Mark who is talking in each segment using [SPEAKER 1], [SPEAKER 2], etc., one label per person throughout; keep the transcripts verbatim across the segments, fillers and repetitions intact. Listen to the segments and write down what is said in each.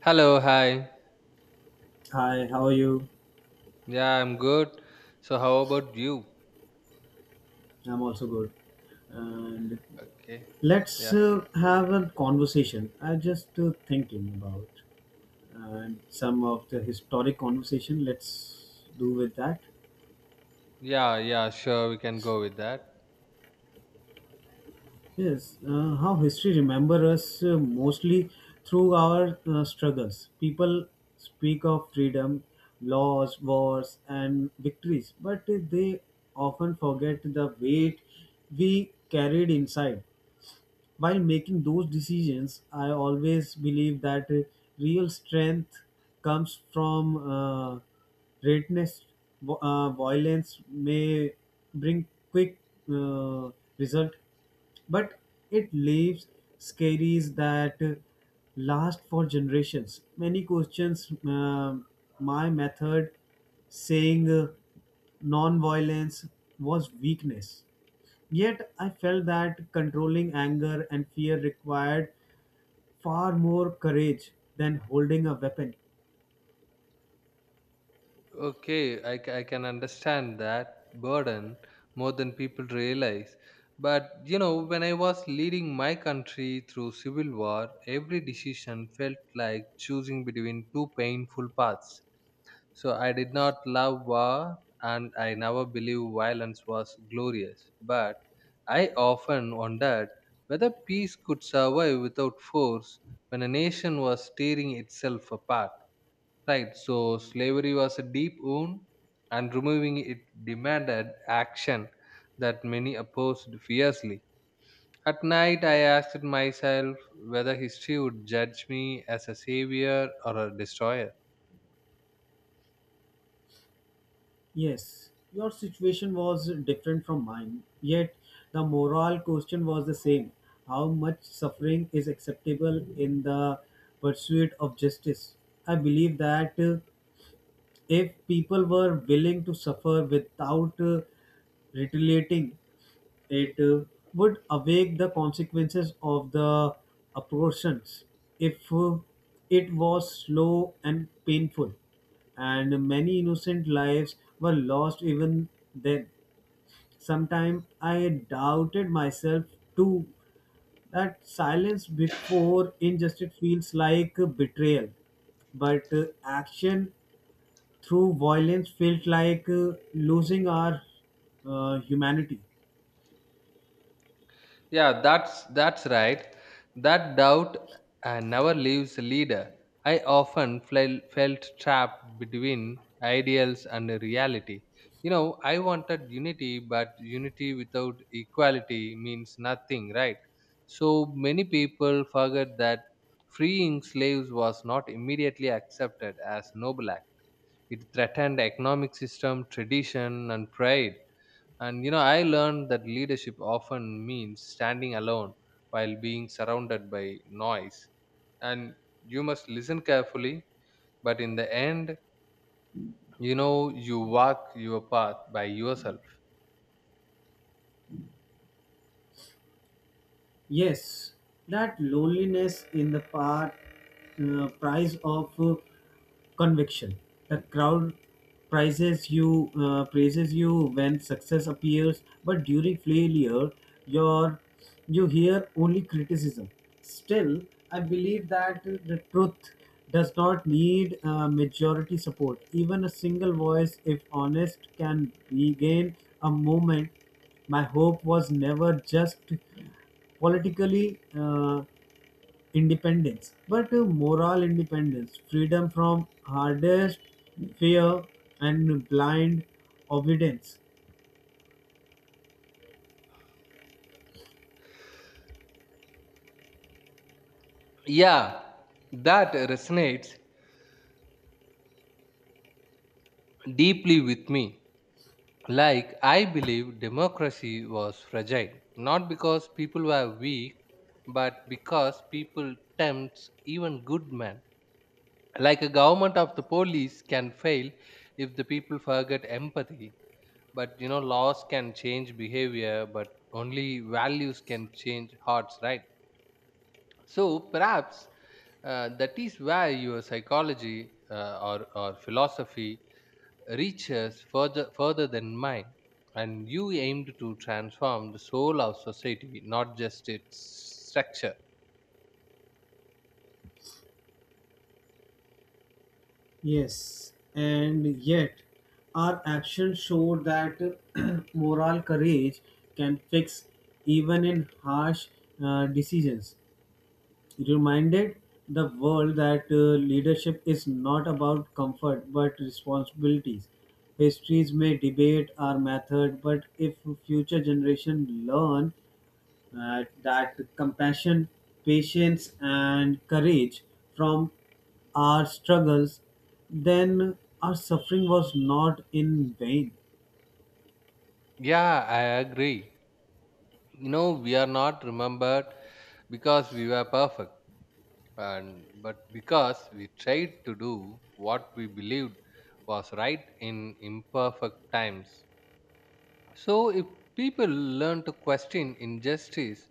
[SPEAKER 1] Hello, hi.
[SPEAKER 2] Hi, how are you?
[SPEAKER 1] Yeah, I'm good. So, how about you?
[SPEAKER 2] I'm also good. And
[SPEAKER 1] Okay.
[SPEAKER 2] let's
[SPEAKER 1] Yeah.
[SPEAKER 2] uh, have a conversation. I just uh, thinking about and some of the historic conversation. Let's do with that.
[SPEAKER 1] Yeah, yeah, sure, we can go with that.
[SPEAKER 2] Yes, uh, how history remember us uh, mostly through our uh, struggles. People speak of freedom, laws, wars, and victories, but they often forget the weight we carried inside. While making those decisions, I always believe that uh, real strength comes from uh, greatness. Vo- Uh, violence may bring quick uh, result, but it leaves scaries that uh, last for generations. Many questions uh, my method saying uh, non-violence was weakness. Yet I felt that controlling anger and fear required far more courage than holding a weapon.
[SPEAKER 1] Okay, I, ca- I can understand that burden more than people realize. But, you know, when I was leading my country through civil war, every decision felt like choosing between two painful paths. So I did not love war and I never believed violence was glorious. But I often wondered whether peace could survive without force when a nation was tearing itself apart. Right, so slavery was a deep wound and removing it demanded action that many opposed fiercely. At night, I asked myself whether history would judge me as a savior or a destroyer.
[SPEAKER 2] Yes, your situation was different from mine, yet the moral question was the same. How much suffering is acceptable in the pursuit of justice? I believe that uh, if people were willing to suffer without uh, retaliating, it uh, would awake the consequences of the abortions if uh, it was slow and painful, and many innocent lives were lost even then. Sometimes I doubted myself too that silence before injustice feels like uh, betrayal but uh, action through violence felt like uh, losing our uh, humanity.
[SPEAKER 1] Yeah, that's that's right. That doubt uh, never leaves a leader. I often fel- felt trapped between ideals and reality. You know, I wanted unity, but unity without equality means nothing, right? So many people forget that freeing slaves was not immediately accepted as noble act. It threatened economic system, tradition, and pride. And you know, I learned that leadership often means standing alone while being surrounded by noise. And you must listen carefully, but in the end, you know, you walk your path by yourself.
[SPEAKER 2] Yes, that loneliness in the part uh, price of uh, conviction. The crowd prizes you, uh, praises you when success appears, but during failure, your you hear only criticism. Still, I believe that the truth does not need uh, majority support. Even a single voice, if honest, can regain a moment. My hope was never just politically uh, independence, but uh, moral independence, freedom from hardest fear and blind obedience.
[SPEAKER 1] Yeah, that resonates deeply with me. Like, I believe democracy was fragile, not because people were weak, but because people tempt even good men. Like a government of the police can fail if the people forget empathy. But you know laws can change behavior, but only values can change hearts, right? So perhaps uh, that is where your psychology uh, or, or philosophy reaches further further than mine. And you aimed to transform the soul of society, not just its structure.
[SPEAKER 2] Yes, and yet our actions show that moral courage can fix even in harsh uh, decisions. Reminded the world that uh, leadership is not about comfort but responsibilities. Histories may debate our method, but if future generation learn uh, that compassion, patience, and courage from our struggles, then our suffering was not in vain.
[SPEAKER 1] Yeah, I agree. You know we are not remembered because we were perfect, and but because we tried to do what we believed was right in imperfect times. So if people learn to question injustice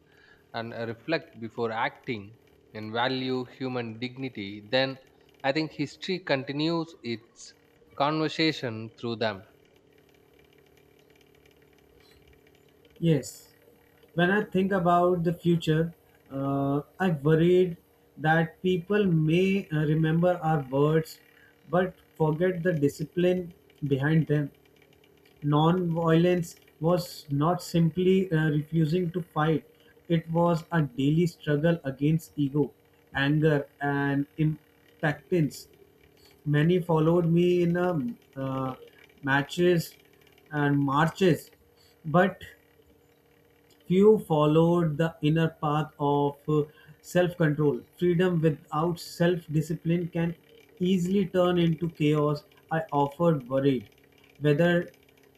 [SPEAKER 1] and reflect before acting and value human dignity, then I think history continues its conversation through them.
[SPEAKER 2] Yes, when I think about the future, uh, I worried that people may uh, remember our words but forget the discipline behind them. Non violence was not simply uh, refusing to fight, it was a daily struggle against ego, anger, and impactance. Many followed me in um uh, matches and marches, but few followed the inner path of self control. Freedom without self discipline can easily turn into chaos. I offered worried whether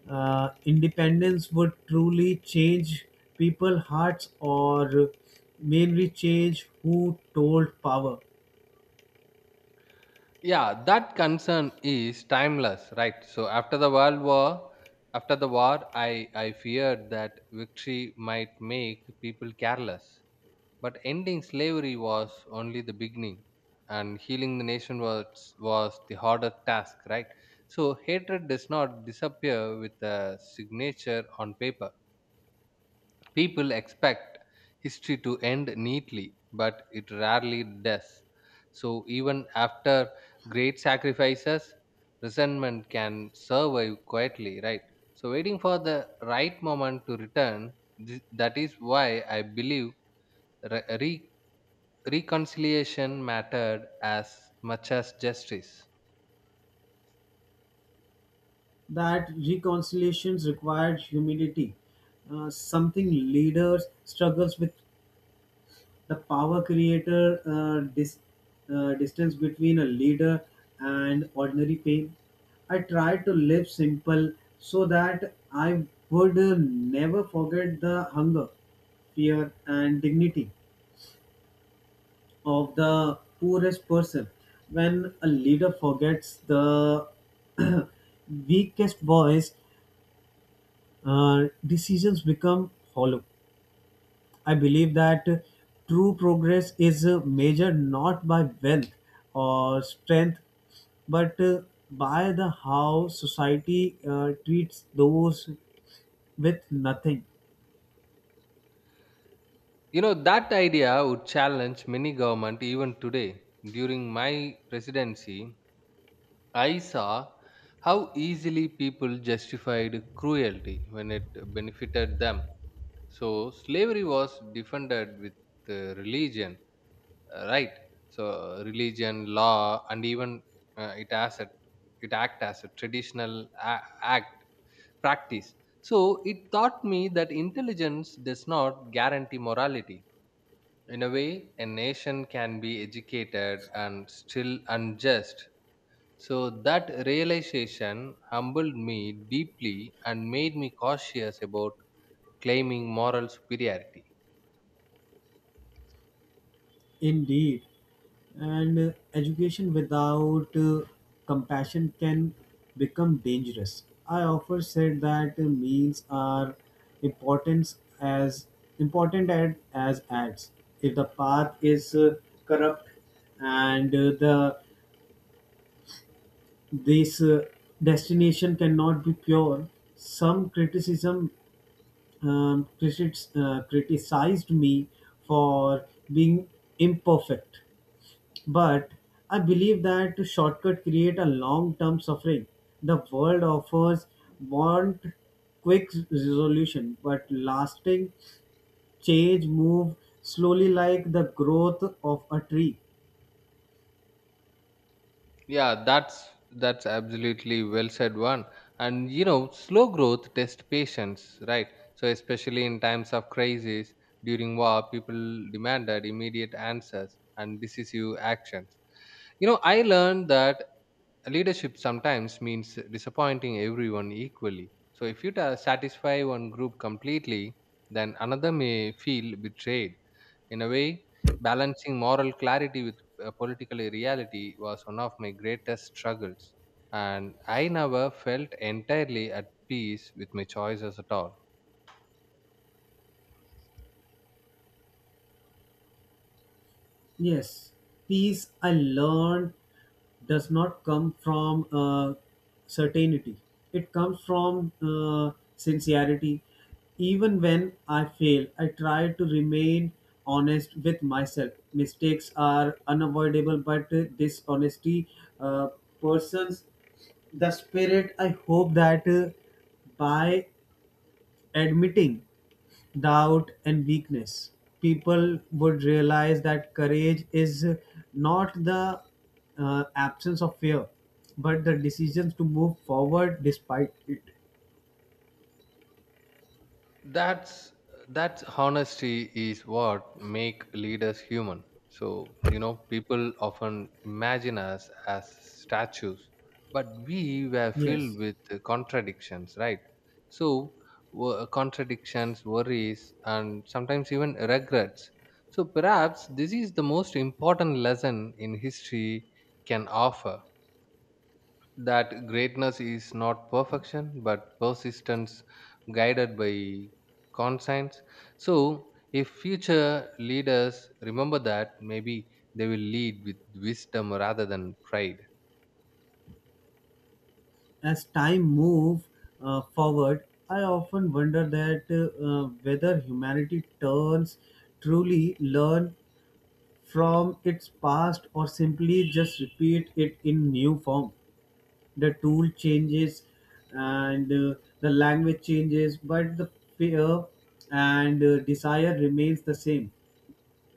[SPEAKER 2] uh, independence would truly change people's hearts or mainly change who told power.
[SPEAKER 1] Yeah, that concern is timeless, right? So after the world war after the war, i i feared that victory might make people careless. But ending slavery was only the beginning, and healing the nation was was the harder task, right? So hatred does not disappear with a signature on paper. People expect history to end neatly, but it rarely does. So, even after great sacrifices, resentment can survive quietly, right? So, waiting for the right moment to return, th- that is why I believe re- re- reconciliation mattered as much as justice.
[SPEAKER 2] That reconciliations required humility, uh, something leaders struggles with the power creator uh, dis, uh, distance between a leader and ordinary pain. I tried to live simple so that I would uh, never forget the hunger, fear, and dignity of the poorest person. When a leader forgets the weakest voice, uh, decisions become hollow. I believe that true progress is uh, measured not by wealth or strength, but uh, by the how society uh, treats those with nothing.
[SPEAKER 1] You know, that idea would challenge many government even today. During my presidency, I saw how easily people justified cruelty when it benefited them. So slavery was defended with uh, religion, uh, right? So uh, religion, law, and even uh, it as a, it act as a traditional a- act practice. So it taught me that intelligence does not guarantee morality. In a way, a nation can be educated and still unjust, so that realization humbled me deeply and made me cautious about claiming moral superiority.
[SPEAKER 2] Indeed, and uh, education without uh, compassion can become dangerous. I often said that uh, means are important as important ad, as ads. If the path is uh, corrupt and uh, the this uh, destination cannot be pure, some criticism um, critics, uh, criticized me for being imperfect, but I believe that shortcut create a long-term suffering. The world offers want quick resolution, but lasting change move slowly like the growth of a tree.
[SPEAKER 1] Yeah, that's that's absolutely well said one. And you know, slow growth test patience, right? So especially in times of crisis, during war, people demanded immediate answers and decisive actions. You know, I learned that leadership sometimes means disappointing everyone equally. So if you ta- satisfy one group completely, then another may feel betrayed. In a way, balancing moral clarity uh, political reality was one of my greatest struggles, and I never felt entirely at peace with my choices at all.
[SPEAKER 2] Yes, peace I learned does not come from uh, certainty. It comes from uh, sincerity. Even when I fail, I try to remain honest with myself. Mistakes are unavoidable, but uh, dishonesty uh, persons the spirit. I hope that uh, by admitting doubt and weakness people would realize that courage is not the uh, absence of fear but the decisions to move forward despite it.
[SPEAKER 1] that's that's honesty is what make leaders human. So you know people often imagine us as statues, but we were filled
[SPEAKER 2] Yes,
[SPEAKER 1] with contradictions, right? So wo- contradictions, worries, and sometimes even regrets. So perhaps this is the most important lesson in history can offer, that greatness is not perfection but persistence guided by conscience. So if future leaders remember that, maybe they will lead with wisdom rather than pride.
[SPEAKER 2] as time move uh, forward, I often wonder that uh, whether humanity turns truly learn from its past or simply just repeat it in new form. The tool changes and uh, the language changes but the fear and uh, desire remains the same.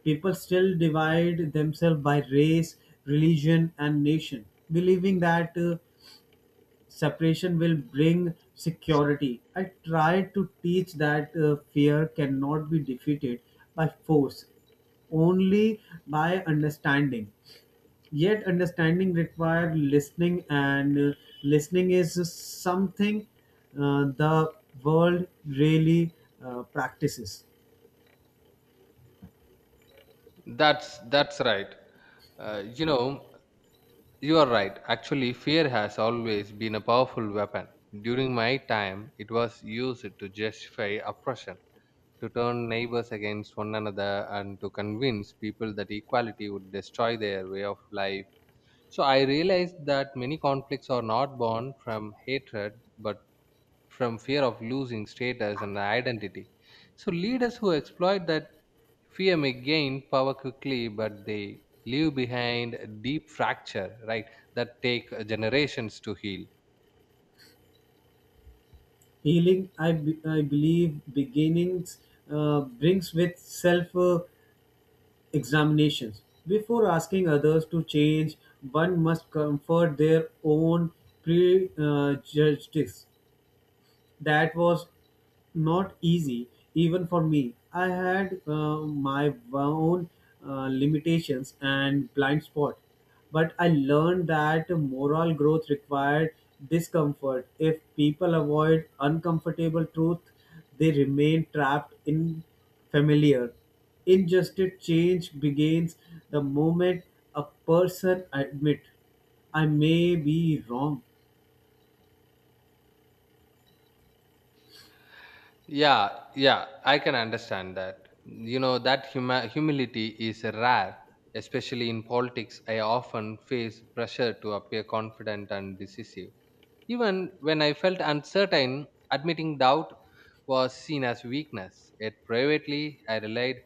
[SPEAKER 2] People still divide themselves by race, religion and nation believing that uh, separation will bring security. I try to teach that uh, fear cannot be defeated by force only by understanding, yet understanding require listening and uh, listening is something uh, the world really uh, practices.
[SPEAKER 1] That's that's right. Uh, you know you are right. Actually, fear has always been a powerful weapon. During my time it was used to justify oppression, to turn neighbors against one another, and to convince people that equality would destroy their way of life. So I realized that many conflicts are not born from hatred, but from fear of losing status and identity. So leaders who exploit that fear may gain power quickly, but they leave behind a deep fracture, right, that take generations to heal.
[SPEAKER 2] Healing I be- I believe beginnings uh, brings with self uh, examinations. Before asking others to change one must comfort their own prejudices. That was not easy even for me. I had uh, my own uh, limitations and blind spot, but I learned that moral growth required discomfort. If people avoid uncomfortable truth they remain trapped in familiar injustice. Change begins the moment a person admit I may be wrong.
[SPEAKER 1] Yeah, yeah, I can understand that. You know, that huma- humility is rare, especially in politics. I often face pressure to appear confident and decisive. Even when I felt uncertain, admitting doubt was seen as weakness. Yet privately, I relied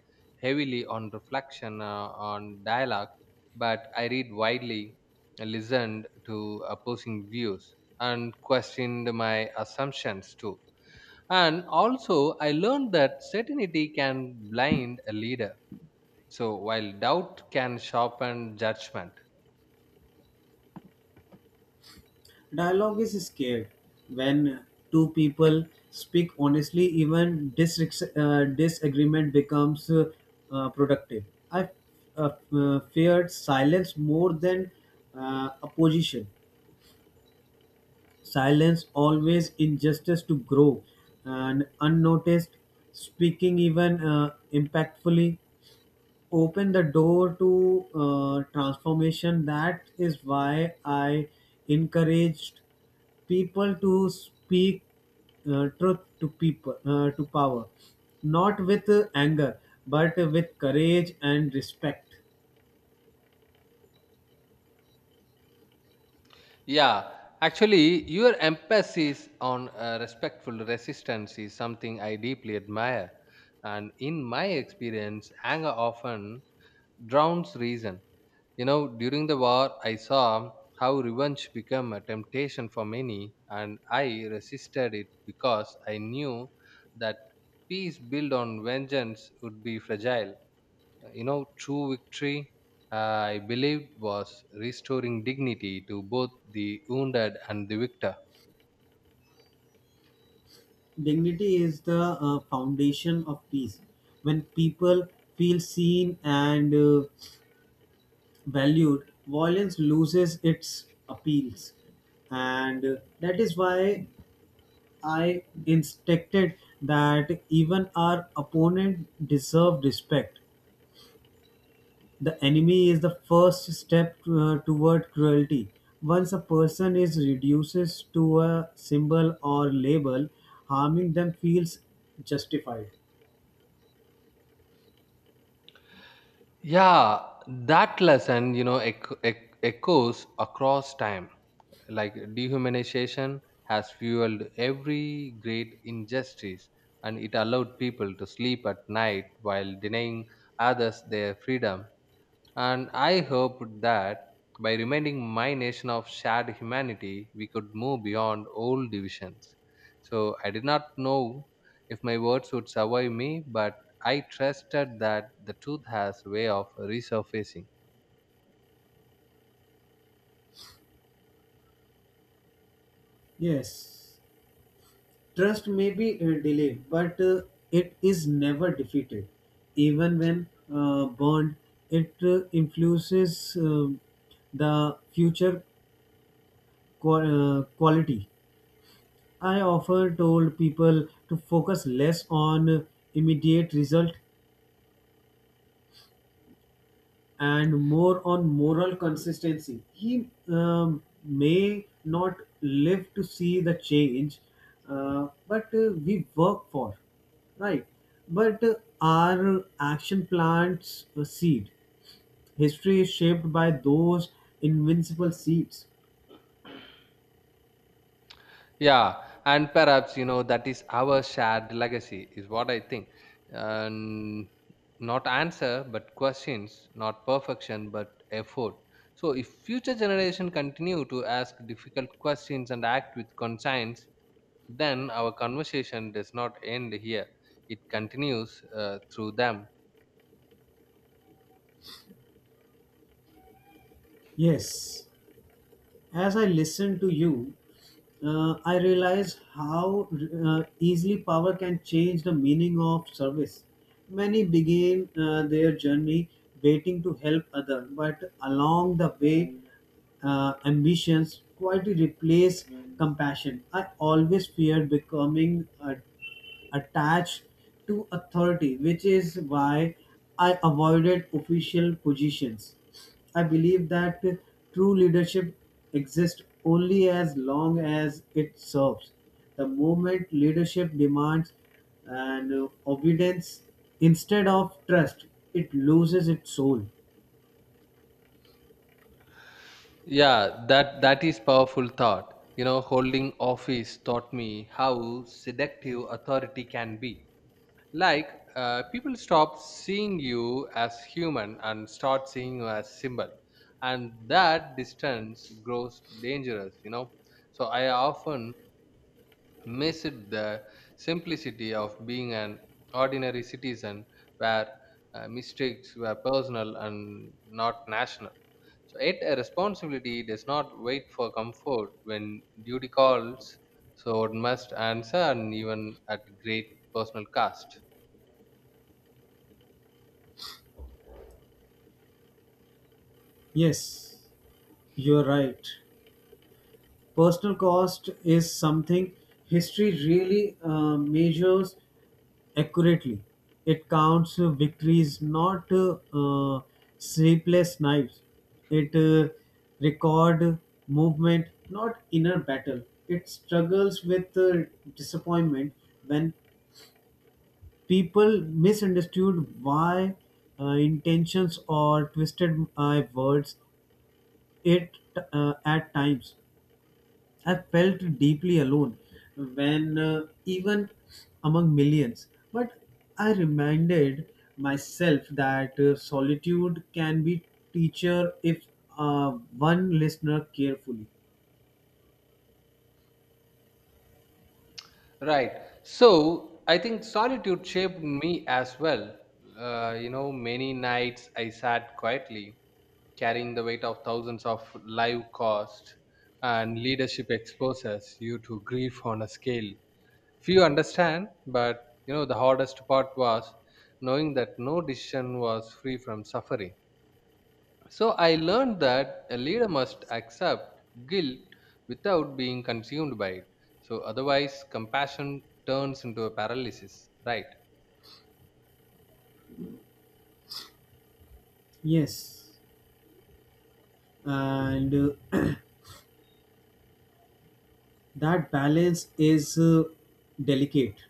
[SPEAKER 1] heavily on reflection, uh, on dialogue, but I read widely, listened to opposing views, and questioned my assumptions too. And also, I learned that certainty can blind a leader. So, while doubt can sharpen judgment.
[SPEAKER 2] Dialogue is scared when two people speak honestly, even dis- uh, disagreement becomes uh, uh, productive. I uh, uh, feared silence more than uh, opposition. Silence always injustice to grow and unnoticed, speaking even uh, impactfully open the door to uh, transformation. That is why I encouraged people to speak uh, truth to people uh, to power, not with uh, anger, but with courage and respect.
[SPEAKER 1] Yeah, actually, your emphasis on uh, respectful resistance is something I deeply admire. And in my experience, anger often drowns reason. You know, during the war, I saw how revenge became a temptation for many, and I resisted it because I knew that peace built on vengeance would be fragile. You know, true victory, uh, I believed, was restoring dignity to both the wounded and the victor.
[SPEAKER 2] Dignity is the uh, foundation of peace. When people feel seen and uh, valued, violence loses its appeals, and uh, that is why I instructed that even our opponent deserved respect. The enemy is the first step uh, toward cruelty. Once a person is reduced to a symbol or label, harming them feels justified.
[SPEAKER 1] Yeah, that lesson, you know, ec- ec- echoes across time. Like dehumanization has fueled every great injustice, and it allowed people to sleep at night while denying others their freedom. And I hoped that by reminding my nation of shared humanity, we could move beyond old divisions. So I did not know if my words would survive me, but I trusted that the truth has a way of resurfacing.
[SPEAKER 2] Yes, trust may be uh, delayed, but uh, it is never defeated. Even when uh, burned, it uh, influences um the future qua- uh, quality. I often told people to focus less on immediate result and more on moral consistency. He um, may not live to see the change, uh, but uh, we work for, right? But uh, our action plants a seed. History is shaped by those invincible seeds.
[SPEAKER 1] Yeah, and perhaps you know that is our shared legacy, is what I think. And not answer, but questions, not perfection, but effort. So, if future generation continue to ask difficult questions and act with conscience, then our conversation does not end here. It continues uh, through them.
[SPEAKER 2] Yes. As I listen to you, uh, I realize how uh, easily power can change the meaning of service. Many begin uh, their journey waiting to help others, but along the way, uh, ambitions quietly replace compassion. I always feared becoming a attached to authority, which is why I avoided official positions. I believe that true leadership exists only as long as it serves. The moment leadership demands and uh, obedience instead of trust, it loses its soul.
[SPEAKER 1] Yeah, that that is powerful thought. You know, holding office taught me how seductive authority can be. Like, uh, people stop seeing you as human and start seeing you as symbol, and that distance grows dangerous you know So I often miss it, the simplicity of being an ordinary citizen, where uh, mistakes were personal and not national. So yet a responsibility does not wait for comfort when duty calls. So it must answer, and even at great personal cost.
[SPEAKER 2] Yes, you are right. Personal cost is something history really uh, measures accurately. It counts uh, victories, not uh, uh, sleepless nights. It uh, record movement, not inner battle. It struggles with uh, disappointment when people misunderstood why uh, intentions or twisted my words. It uh, at times. I felt deeply alone when uh, even among millions. But I reminded myself that uh, solitude can be teacher if uh, one listener carefully.
[SPEAKER 1] Right. So I think solitude shaped me as well. Uh, you know, many nights I sat quietly, carrying the weight of thousands of live costs, and leadership exposes you to grief on a scale. Few understand, but you know, the hardest part was knowing that no decision was free from suffering. So I learned that a leader must accept guilt without being consumed by it. So otherwise, compassion turns into a paralysis, right?
[SPEAKER 2] Yes, and uh, that balance is uh, delicate.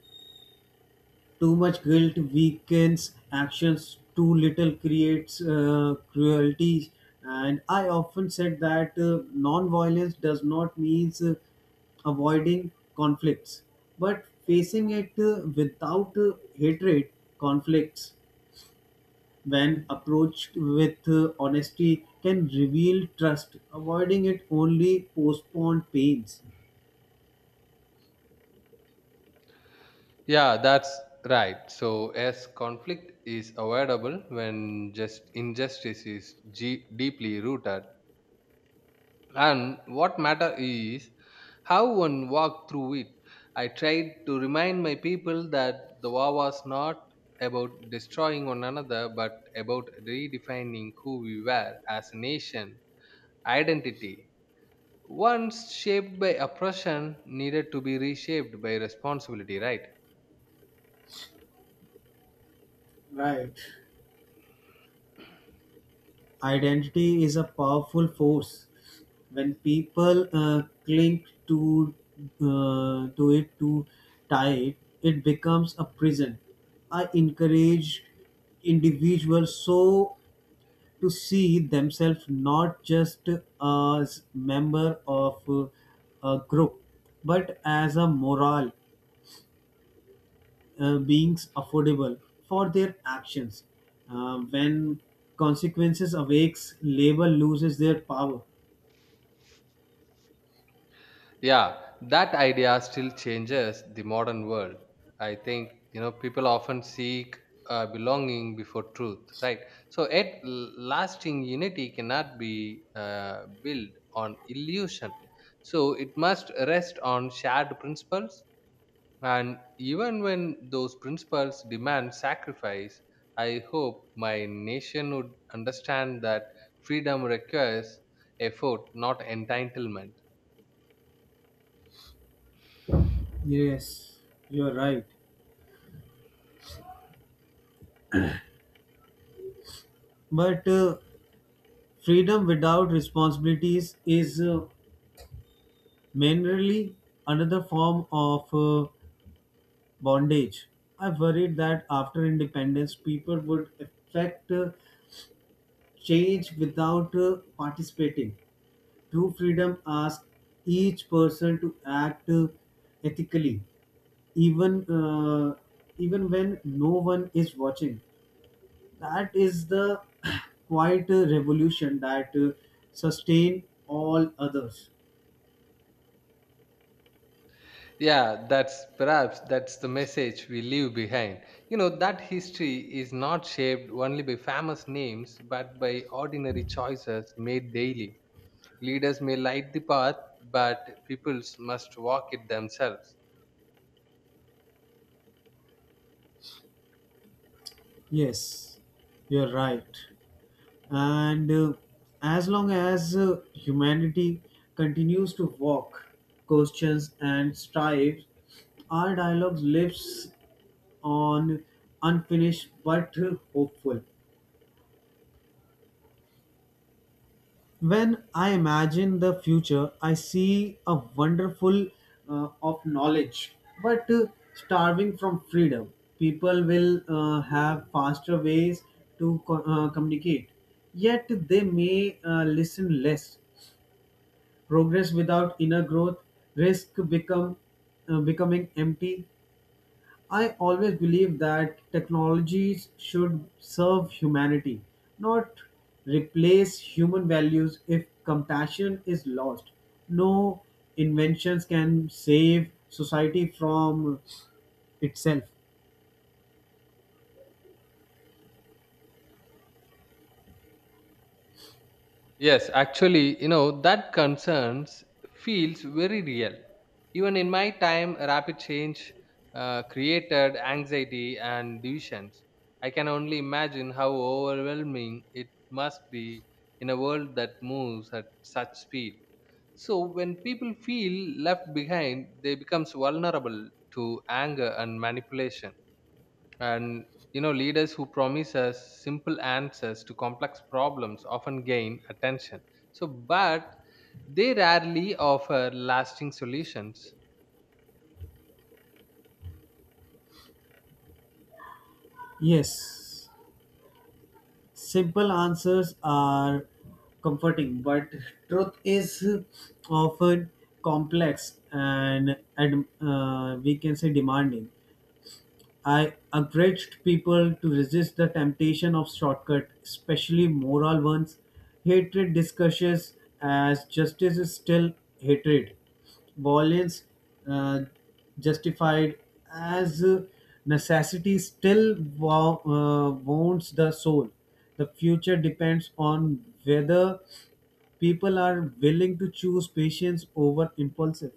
[SPEAKER 2] Too much guilt weakens actions, too little creates uh, cruelty. And I often said that uh, non-violence does not mean uh, avoiding conflicts, but facing it uh, without uh, hatred. Conflicts, when approached with uh, honesty, can reveal trust. Avoiding it only postpone pains.
[SPEAKER 1] Yeah, that's right. So as conflict is avoidable when just injustice is ge- deeply rooted, and what matter is how one walked through it. I tried to remind my people that the war was not about destroying one another, but about redefining who we were as a nation, identity. Once shaped by oppression, needed to be reshaped by responsibility, right?
[SPEAKER 2] Right. Identity is a powerful force. When people uh, cling to uh, to it too tight, it becomes a prison. I encourage individuals so to see themselves not just as member of uh, a group, but as a moral uh, beings affordable for their actions. Uh, when consequences awakes, labor loses their power.
[SPEAKER 1] Yeah, that idea still changes the modern world. I think, you know, people often seek uh, belonging before truth, right? So, yet, l- lasting unity cannot be uh, built on illusion. So, it must rest on shared principles. And even when those principles demand sacrifice, I hope my nation would understand that freedom requires effort, not entitlement.
[SPEAKER 2] Yes, you are right. But uh, freedom without responsibilities is uh, mainly another form of uh, bondage. I worried that after independence, people would affect uh, change without uh, participating. True freedom asks each person to act uh, ethically, even uh, even when no one is watching. That is the quiet uh, revolution that uh, sustain all others.
[SPEAKER 1] Yeah, that's perhaps that's the message we leave behind. You know, that history is not shaped only by famous names, but by ordinary choices made daily. Leaders may light the path, but peoples must walk it themselves.
[SPEAKER 2] Yes, you're right. And uh, as long as uh, humanity continues to walk, questions, and strives, our dialogue lives on, unfinished but hopeful. When I imagine the future, I see a wonderful uh, of knowledge, but uh, starving from freedom. People will uh, have faster ways to co- uh, communicate, yet they may uh, listen less. Progress without inner growth risk become uh, becoming empty. I always believe that technologies should serve humanity, not replace human values if compassion is lost. No inventions can save society from itself.
[SPEAKER 1] Yes, actually, you know, that concerns feels very real. Even in my time, rapid change uh, created anxiety and divisions. I can only imagine how overwhelming it must be in a world that moves at such speed. So when people feel left behind, they becomes vulnerable to anger and manipulation. And you know, leaders who promise us simple answers to complex problems often gain attention. So, but they rarely offer lasting solutions.
[SPEAKER 2] Yes. Simple answers are comforting, but truth is often complex and ad- uh, we can say demanding. I encouraged people to resist the temptation of shortcut, especially moral ones. Hatred discusses as justice is still hatred, violence uh, justified as uh, necessity still wo- uh, wounds the soul. The future depends on whether people are willing to choose patience over impulsive.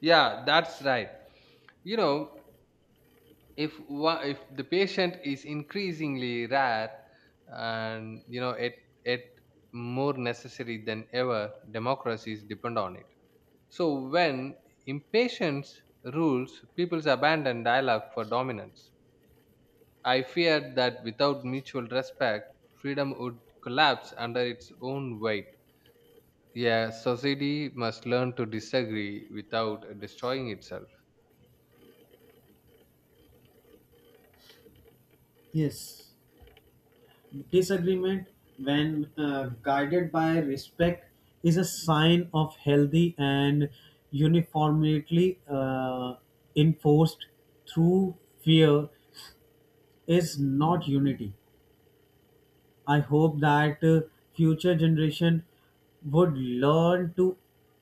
[SPEAKER 1] Yeah, that's right. You know, if one, if the patient is increasingly rare, and you know, it it more necessary than ever, democracies depend on it. So, when impatience rules, people's abandon dialogue for dominance. I feared that without mutual respect, freedom would collapse under its own weight. Yeah, society must learn to disagree without destroying itself.
[SPEAKER 2] Yes. Disagreement, when uh, guided by respect, is a sign of healthy and uniformly uh, enforced through fear is not unity. I hope that uh, future generation would learn to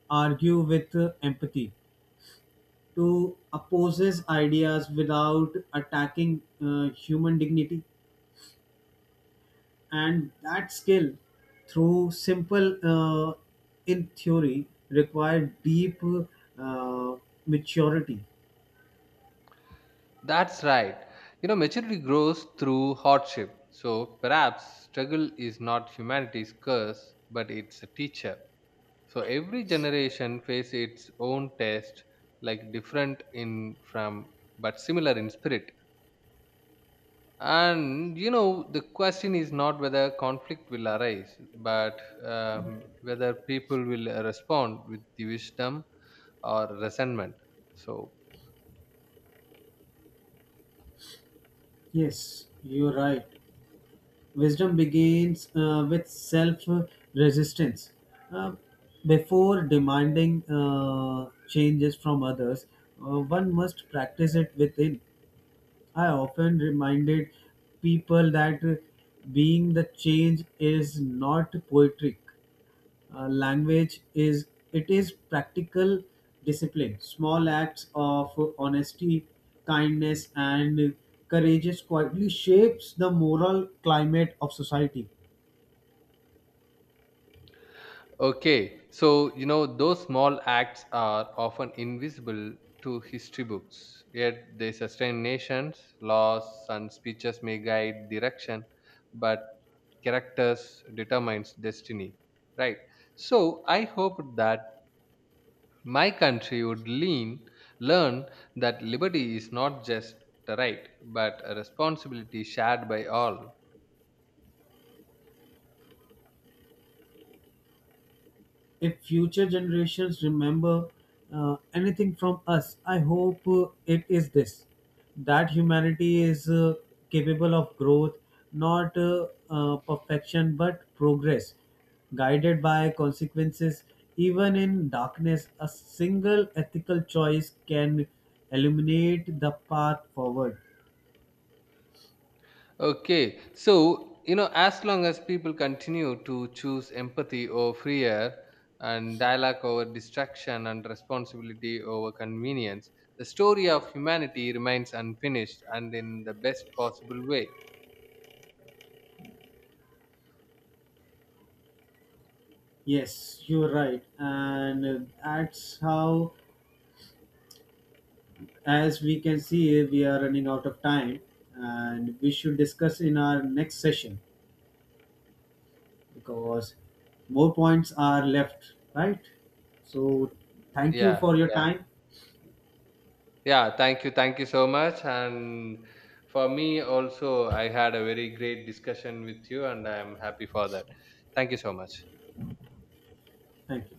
[SPEAKER 2] argue with uh, empathy, to oppose his ideas without attacking uh, human dignity. And that skill through simple uh, in theory required deep uh, maturity.
[SPEAKER 1] That's right. You know, maturity grows through hardship. So perhaps struggle is not humanity's curse, but it's a teacher. So every generation faces its own test, like different in from but similar in spirit. And you know the question is not whether conflict will arise, but um, whether people will uh, respond with the wisdom or resentment, so.
[SPEAKER 2] Yes, you're right. Wisdom begins uh, with self resistance. Uh, Before demanding uh, changes from others uh, one must practice it within. I often reminded people that uh, being the change is not poetic uh, language, is it is practical discipline. Small acts of honesty, kindness and courage quietly shapes the moral climate of society.
[SPEAKER 1] Okay, so you know those small acts are often invisible to history books, yet they sustain nations. Laws and speeches may guide direction, but characters determines destiny, right? So I hope that my country would lean, learn that liberty is not just a right, but a responsibility shared by all.
[SPEAKER 2] If future generations remember uh, anything from us, I hope uh, it is this, that humanity is uh, capable of growth, not uh, uh, perfection, but progress, guided by consequences. Even in darkness, a single ethical choice can illuminate the path forward.
[SPEAKER 1] Okay, so you know, as long as people continue to choose empathy over fear and dialogue over distraction and responsibility over convenience, the story of humanity remains unfinished and in the best possible way.
[SPEAKER 2] Yes, you're right, and uh, that's how as we can see, we are running out of time and we should discuss in our next session because more points are left, right? So, thank you
[SPEAKER 1] Yeah,
[SPEAKER 2] for your
[SPEAKER 1] yeah.
[SPEAKER 2] time.
[SPEAKER 1] Yeah, thank you. Thank you so much. And for me also, I had a very great discussion with you, and I'm happy for that. Thank you so much.
[SPEAKER 2] Thank you.